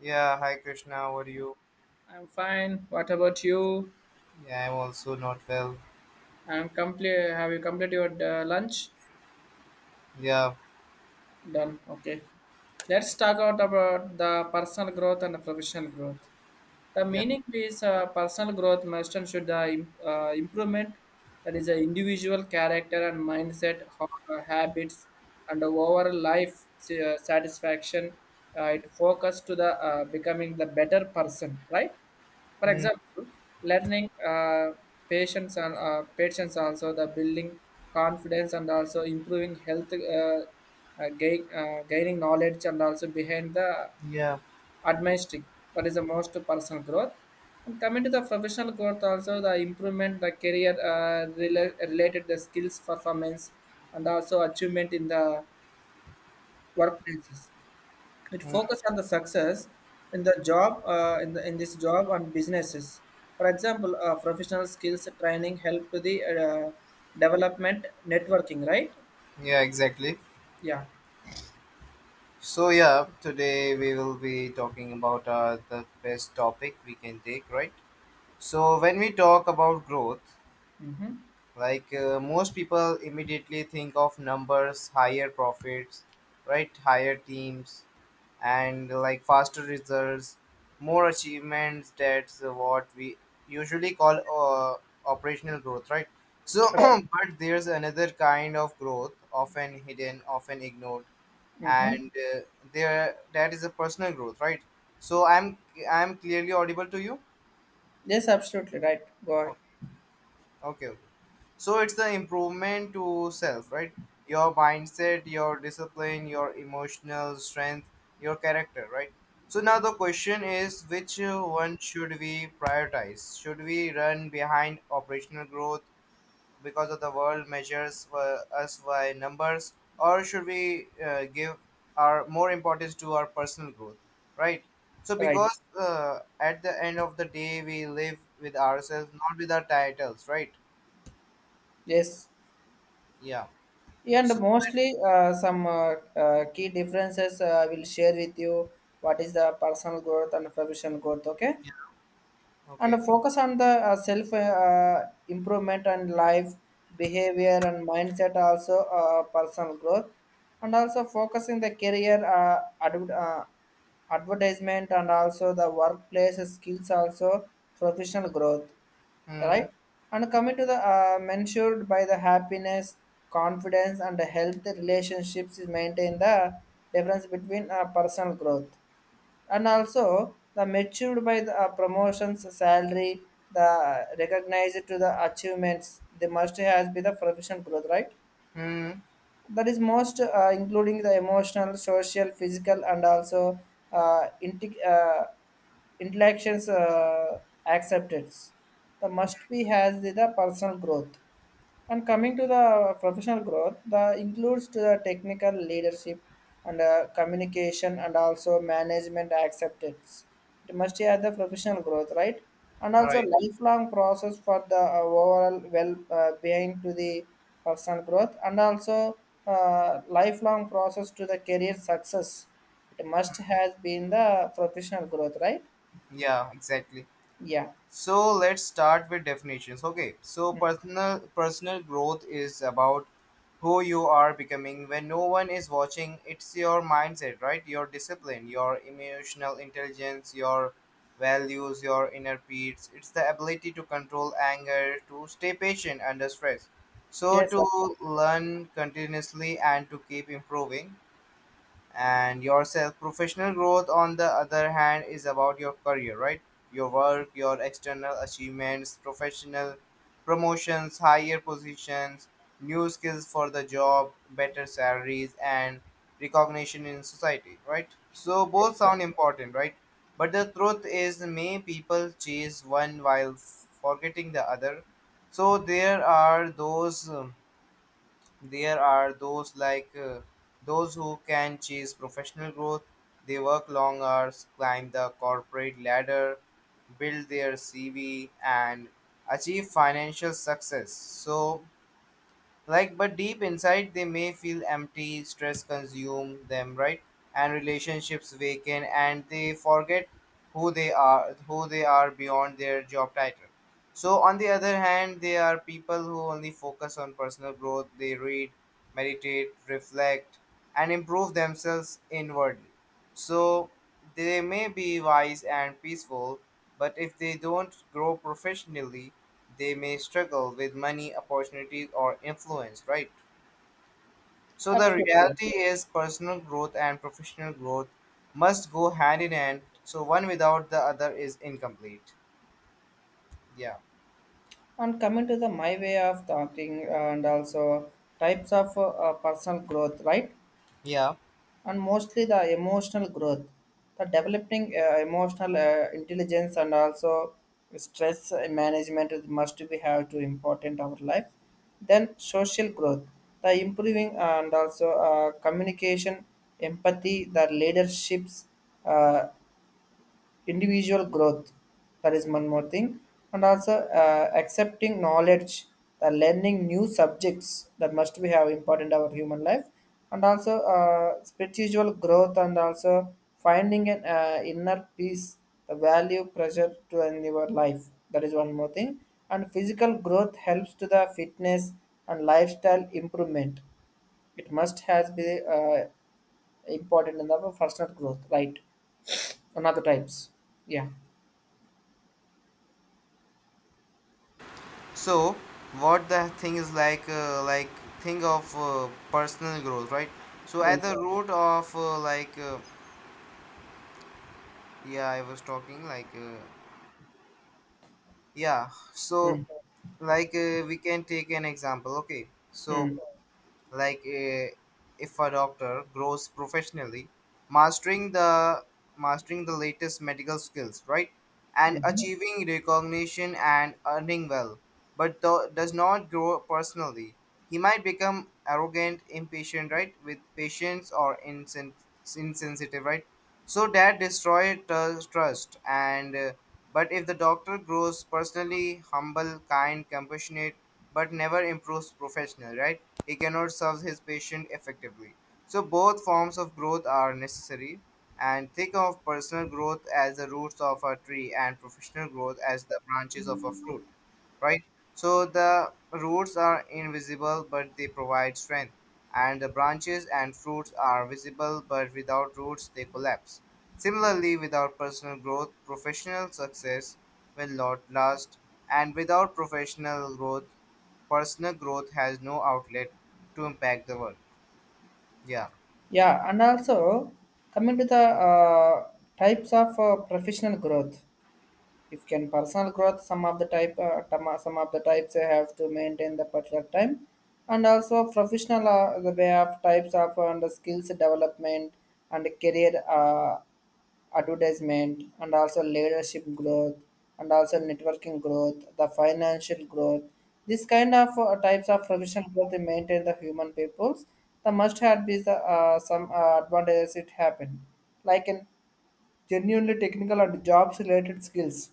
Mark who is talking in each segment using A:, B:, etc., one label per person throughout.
A: Yeah, hi Krishna, how are you?
B: I'm fine. What about you?
A: Yeah, I'm also not well.
B: I'm complete. Have you completed your lunch?
A: Yeah,
B: Done. Okay. Let's talk out about the personal growth and the professional growth. The
A: yeah,
B: meaning is personal growth must and should improvement that is the individual character and mindset, habits, and overall life satisfaction. It focus to the becoming the better person, right? For
A: mm,
B: example, learning patience and patience also the building confidence and also improving health, gain, gaining knowledge and also behind the
A: yeah,
B: administering, that is the most personal growth. And coming to the professional growth, also the improvement the career related the skills performance and also achievement in the workplaces. It
A: mm,
B: focus on the success in the job in, the, in this job and businesses. For example, professional skills training help to the development, networking, right?
A: yeah, exactly.
B: Yeah.
A: So, yeah, today we will be talking about the best topic we can take, right? So, when we talk about growth,
B: Mm-hmm.
A: most people immediately think of numbers, higher profits, right? Higher teams, and like faster results, more achievements. That's what we usually call operational growth, right? So,
B: Right.
A: but there's another kind of growth, often hidden, often ignored,
B: Mm-hmm.
A: and there that is a personal growth, right? So I'm clearly audible to you.
B: Yes, absolutely right, go ahead.
A: Okay. Okay, okay. So it's the improvement to self, right? Your mindset, your discipline, your emotional strength, your character, right? So now the question is which one should we prioritize? Should we run behind operational growth because of the world measures us by numbers or should we give our more importance to our personal growth, right? So
B: Right.
A: because at the end of the day we live with ourselves, not with our titles, right?
B: Yes.
A: Yeah.
B: And
A: So
B: mostly, some key differences I will share with you. What is the personal growth and professional growth? Okay,
A: yeah,
B: and
A: okay.
B: focus on the self improvement and life behavior and mindset also personal growth, and also focusing the career advertisement and also the workplace skills also professional growth, right?
A: Hmm.
B: And coming to the mensured by the happiness, confidence and the health relationships is maintain the difference between personal growth, and also the matured by the promotions salary, the recognized to the achievements, they must has be the professional growth, right?
A: Hmm.
B: That is most including the emotional social physical and also uh, inte- uh, intellections acceptance the must be has the personal growth. And coming to the professional growth, the includes to the technical leadership and communication and also management acceptance, it must have the professional growth, right? And also
A: Right.
B: lifelong process for the overall well behind to the personal growth, and also lifelong process to the career success, it must has been the professional growth, right?
A: Yeah, exactly.
B: Yeah.
A: So let's start with definitions. Okay. So personal growth is about who you are becoming when no one is watching. It's your mindset, right? Your discipline, your emotional intelligence, your values, your inner peace. It's the ability to control anger, to stay patient under stress. So
B: Yes,
A: to
B: absolutely.
A: learn continuously and to keep improving and yourself. Professional growth, on the other hand, is about your career, right? Your work, your external achievements, professional promotions, higher positions, new skills for the job, better salaries, and recognition in society, right? So, both sound important, right? But the truth is, many people chase one while forgetting the other. So, there are those those who can chase professional growth. They work long hours, climb the corporate ladder, build their CV, and achieve financial success. So like but deep inside they may feel empty, stress consume them, right? And relationships vacant, and they forget who they are, who they are beyond their job title. So on the other hand there are people who only focus on personal growth. They read, meditate, reflect, and improve themselves inwardly. So they may be wise and peaceful, but if they don't grow professionally they may struggle with money, opportunities, or influence, right? So the
B: Absolutely,
A: reality is personal growth and professional growth must go hand in hand. So one without the other is incomplete. Yeah.
B: and coming to the my way of talking and also types of personal growth, right?
A: Yeah.
B: And mostly the emotional growth, the developing emotional intelligence and also stress management is must be have to important our life. Then social growth, the improving and also communication, empathy, the leaderships, uh, individual growth, that is one more thing. And also accepting knowledge, the learning new subjects that must be have important our human life. And also spiritual growth, and also finding an inner peace, the value pressure to in your life, that is one more thing. And physical growth helps to the fitness and lifestyle improvement, it must has be uh, important in the personal growth, right? Another types. Yeah.
A: So what the thing is like think of personal growth, right? So at
B: Yes.
A: the root of I was talking like yeah. So
B: Mm.
A: we can take an example. Okay. So
B: Mm.
A: like uh, if a doctor grows professionally, mastering the mastering the latest medical skills, right, and
B: Mhm.
A: achieving recognition and earning well, but does not grow personally, he might become arrogant, impatient, right, with patients, or insensitive, right? So that destroyed trust, and but if the doctor grows personally humble, kind, compassionate, but never improves professional, right? He cannot serve his patient effectively. So both forms of growth are necessary, and think of personal growth as the roots of a tree and professional growth as the branches of a fruit, right? So the roots are invisible but they provide strength, and the branches and fruits are visible but without roots they collapse. Similarly, without personal growth, professional success will not last, and without professional growth, personal growth has no outlet to impact the world. Yeah.
B: Yeah, and also coming to the types of professional growth. If can personal growth, some of the type, some of the types I have to maintain the particular time, and also professional the way of types of and the skills development and career advertisement and also leadership growth, and also networking growth, the financial growth, this kind of types of professional growth they maintain the human peoples, the must have is the, some advantages it happen, like in genuinely technical and jobs related skills.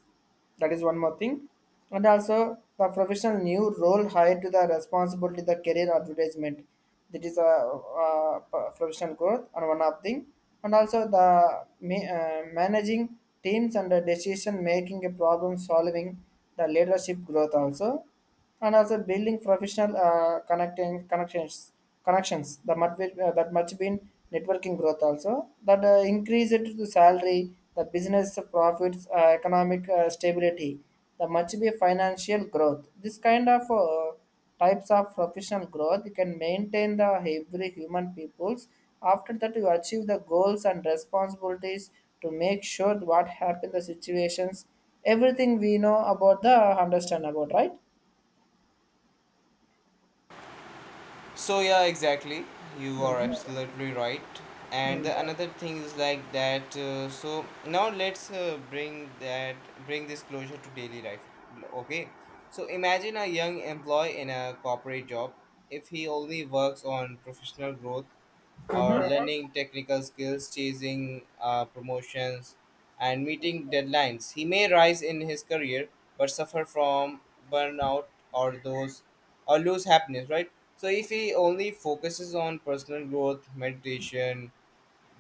B: That is one more thing. And also the professional new role hired to the responsibility the career advertisement. That is a, professional growth and one of thing. And also the managing teams and the decision making, a problem solving, the leadership growth also, and also building professional connecting connections connections that much that much been networking growth also, that increase it to the salary, the business profits, economic stability, the much be financial growth, this kind of types of professional growth you can maintain the every human peoples. After that you achieve the goals and responsibilities, to make sure what happened the situations, everything we know about the understand about, right?
A: So yeah, exactly. You are
B: Mm.
A: absolutely right. And
B: Mm.
A: the another thing is like that. So now let's bring this closure to daily life. Okay. So imagine a young employee in a corporate job. If he only works on professional growth, or learning technical skills, chasing promotions, and meeting deadlines. He may rise in his career but suffer from burnout, or those, or lose happiness, right? So if he only focuses on personal growth, meditation,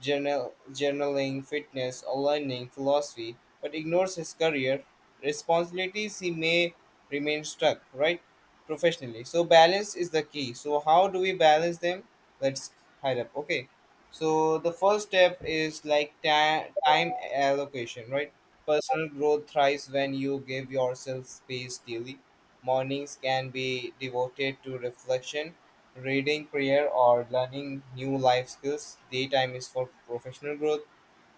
A: journaling, fitness, or learning philosophy, but ignores his career responsibilities, he may remain stuck, right? Professionally. So, balance is the key. So, how do we balance them? Let's hide up. Okay. So, the first step is like time allocation, right? Personal growth thrives when you give yourself space daily. Mornings can be devoted to reflection, reading, prayer, or learning new life skills. Daytime is for professional growth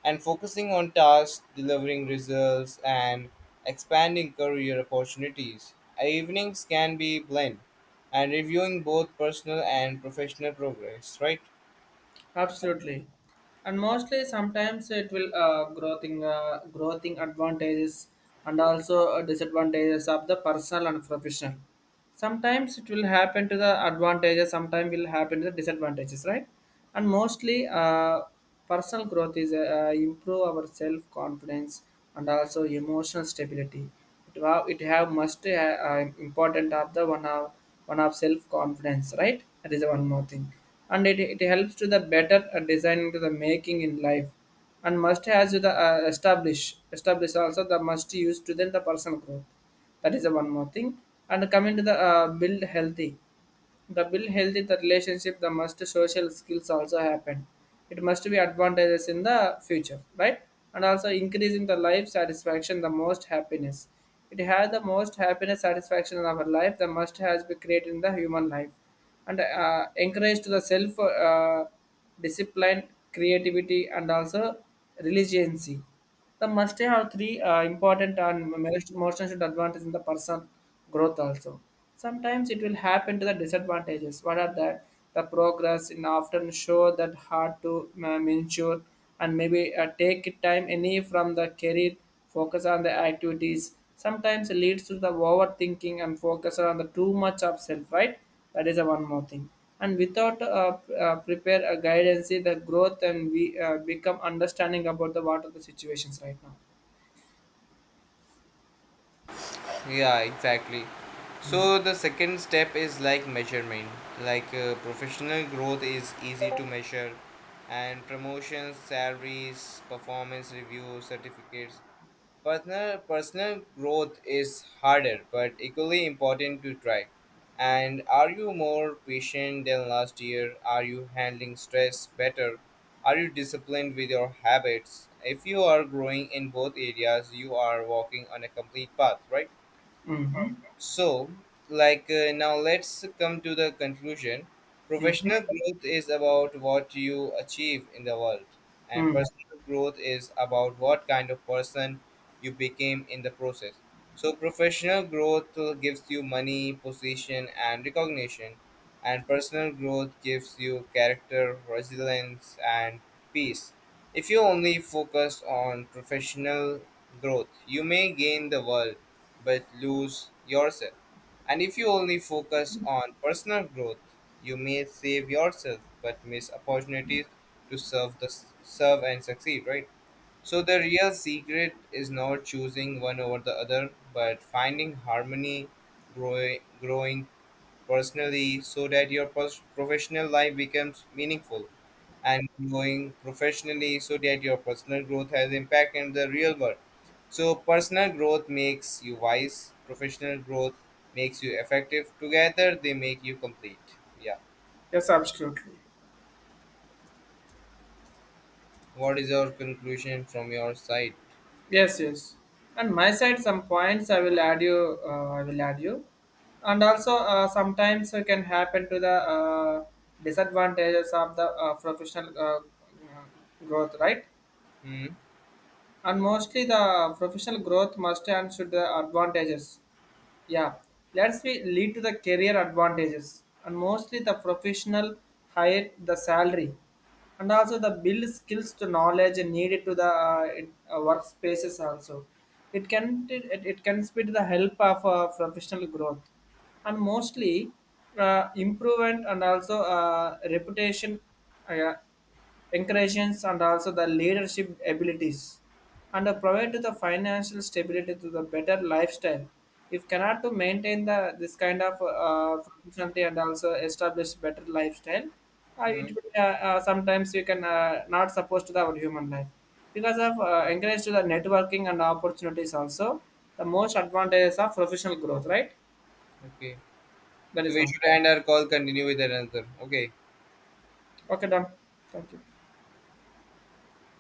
A: and focusing on tasks, delivering results, and expanding career opportunities. Evenings can be blend and reviewing both personal and professional progress, right?
B: Absolutely, and mostly sometimes it will growing advantages and also disadvantages of the personal and professional. Sometimes it will happen to the advantages. Sometimes will happen to the disadvantages, right? And mostly, personal growth is improve our self confidence and also emotional stability, it have must important of the one of self confidence, right? That is one more thing. And it helps to the better designing to the making in life, and must has to the establish also the must use to then the personal growth, that is the one more thing. And coming to the build healthy the bill healthy the relationship, the must social skills also happen. It must be advantages in the future, right? And also increasing the life satisfaction, the most happiness. It has the most happiness satisfaction in our life, the must has been created in the human life. And encourage the self discipline, creativity, and also resiliency, the must have three important and most should advantage in the person growth also. Sometimes it will happen to the disadvantages. What are that? The progress in often show that hard to ensure and maybe take it time any from the career. Focus on the activities sometimes leads to the overthinking and focus on the too much of self, right? That is the one more thing. And without prepare a guidance, the growth and we become understanding about the what are the situations right now.
A: Yeah, exactly. So the second step is like measurement. Professional growth is easy to measure, and promotions, salaries, performance reviews, certificates. Personal growth is harder but equally important to track. And are you more patient than last year? Are you handling stress better? Are you disciplined with your habits? If you are growing in both areas, you are walking on a complete path, right?
B: Mm-hmm.
A: So, now, let's come to the conclusion.
B: Mm-hmm.
A: Professional growth is about what you achieve in the world, and
B: Mm.
A: personal growth is about what kind of person you became in the process. So, professional growth gives you money, position, and recognition, and personal growth gives you character, resilience, and peace. If you only focus on professional growth, you may gain the world but lose yourself. And if you only focus on personal growth, you may save yourself but miss opportunities to serve and succeed, right? So the real secret is not choosing one over the other, but finding harmony, growing personally so that your professional life becomes meaningful, and growing professionally so that your personal growth has impact in the real world. So personal growth makes you wise, professional growth makes you effective, together they make you complete. Yeah.
B: Yes, absolutely.
A: What is your conclusion from your side?
B: Yes, yes. And my side, some points I will add you. I will add you, and also sometimes it can happen to the uh, disadvantages of the professional growth, right?
A: Hmm.
B: And mostly the professional growth must and should the advantages, yeah, let's be lead to the career advantages. And mostly the professional higher the salary, and also the build skills to knowledge needed to the workspaces also, it can it it can speed the help of professional growth. And mostly improvement and also reputation, yeah, encouragements and also the leadership abilities, and provide to the financial stability to the better lifestyle. If cannot to maintain the this kind of functionality and also establish better lifestyle, uh,
A: Hmm.
B: it will, uh, uh, sometimes you can not supposed to the our human life, because of encourage to the networking and opportunities also, the most advantages of professional growth, right?
A: Okay,
B: That
A: so
B: is
A: we
B: one.
A: should end our call, continue with another. Okay.
B: Okay, done. Thank you.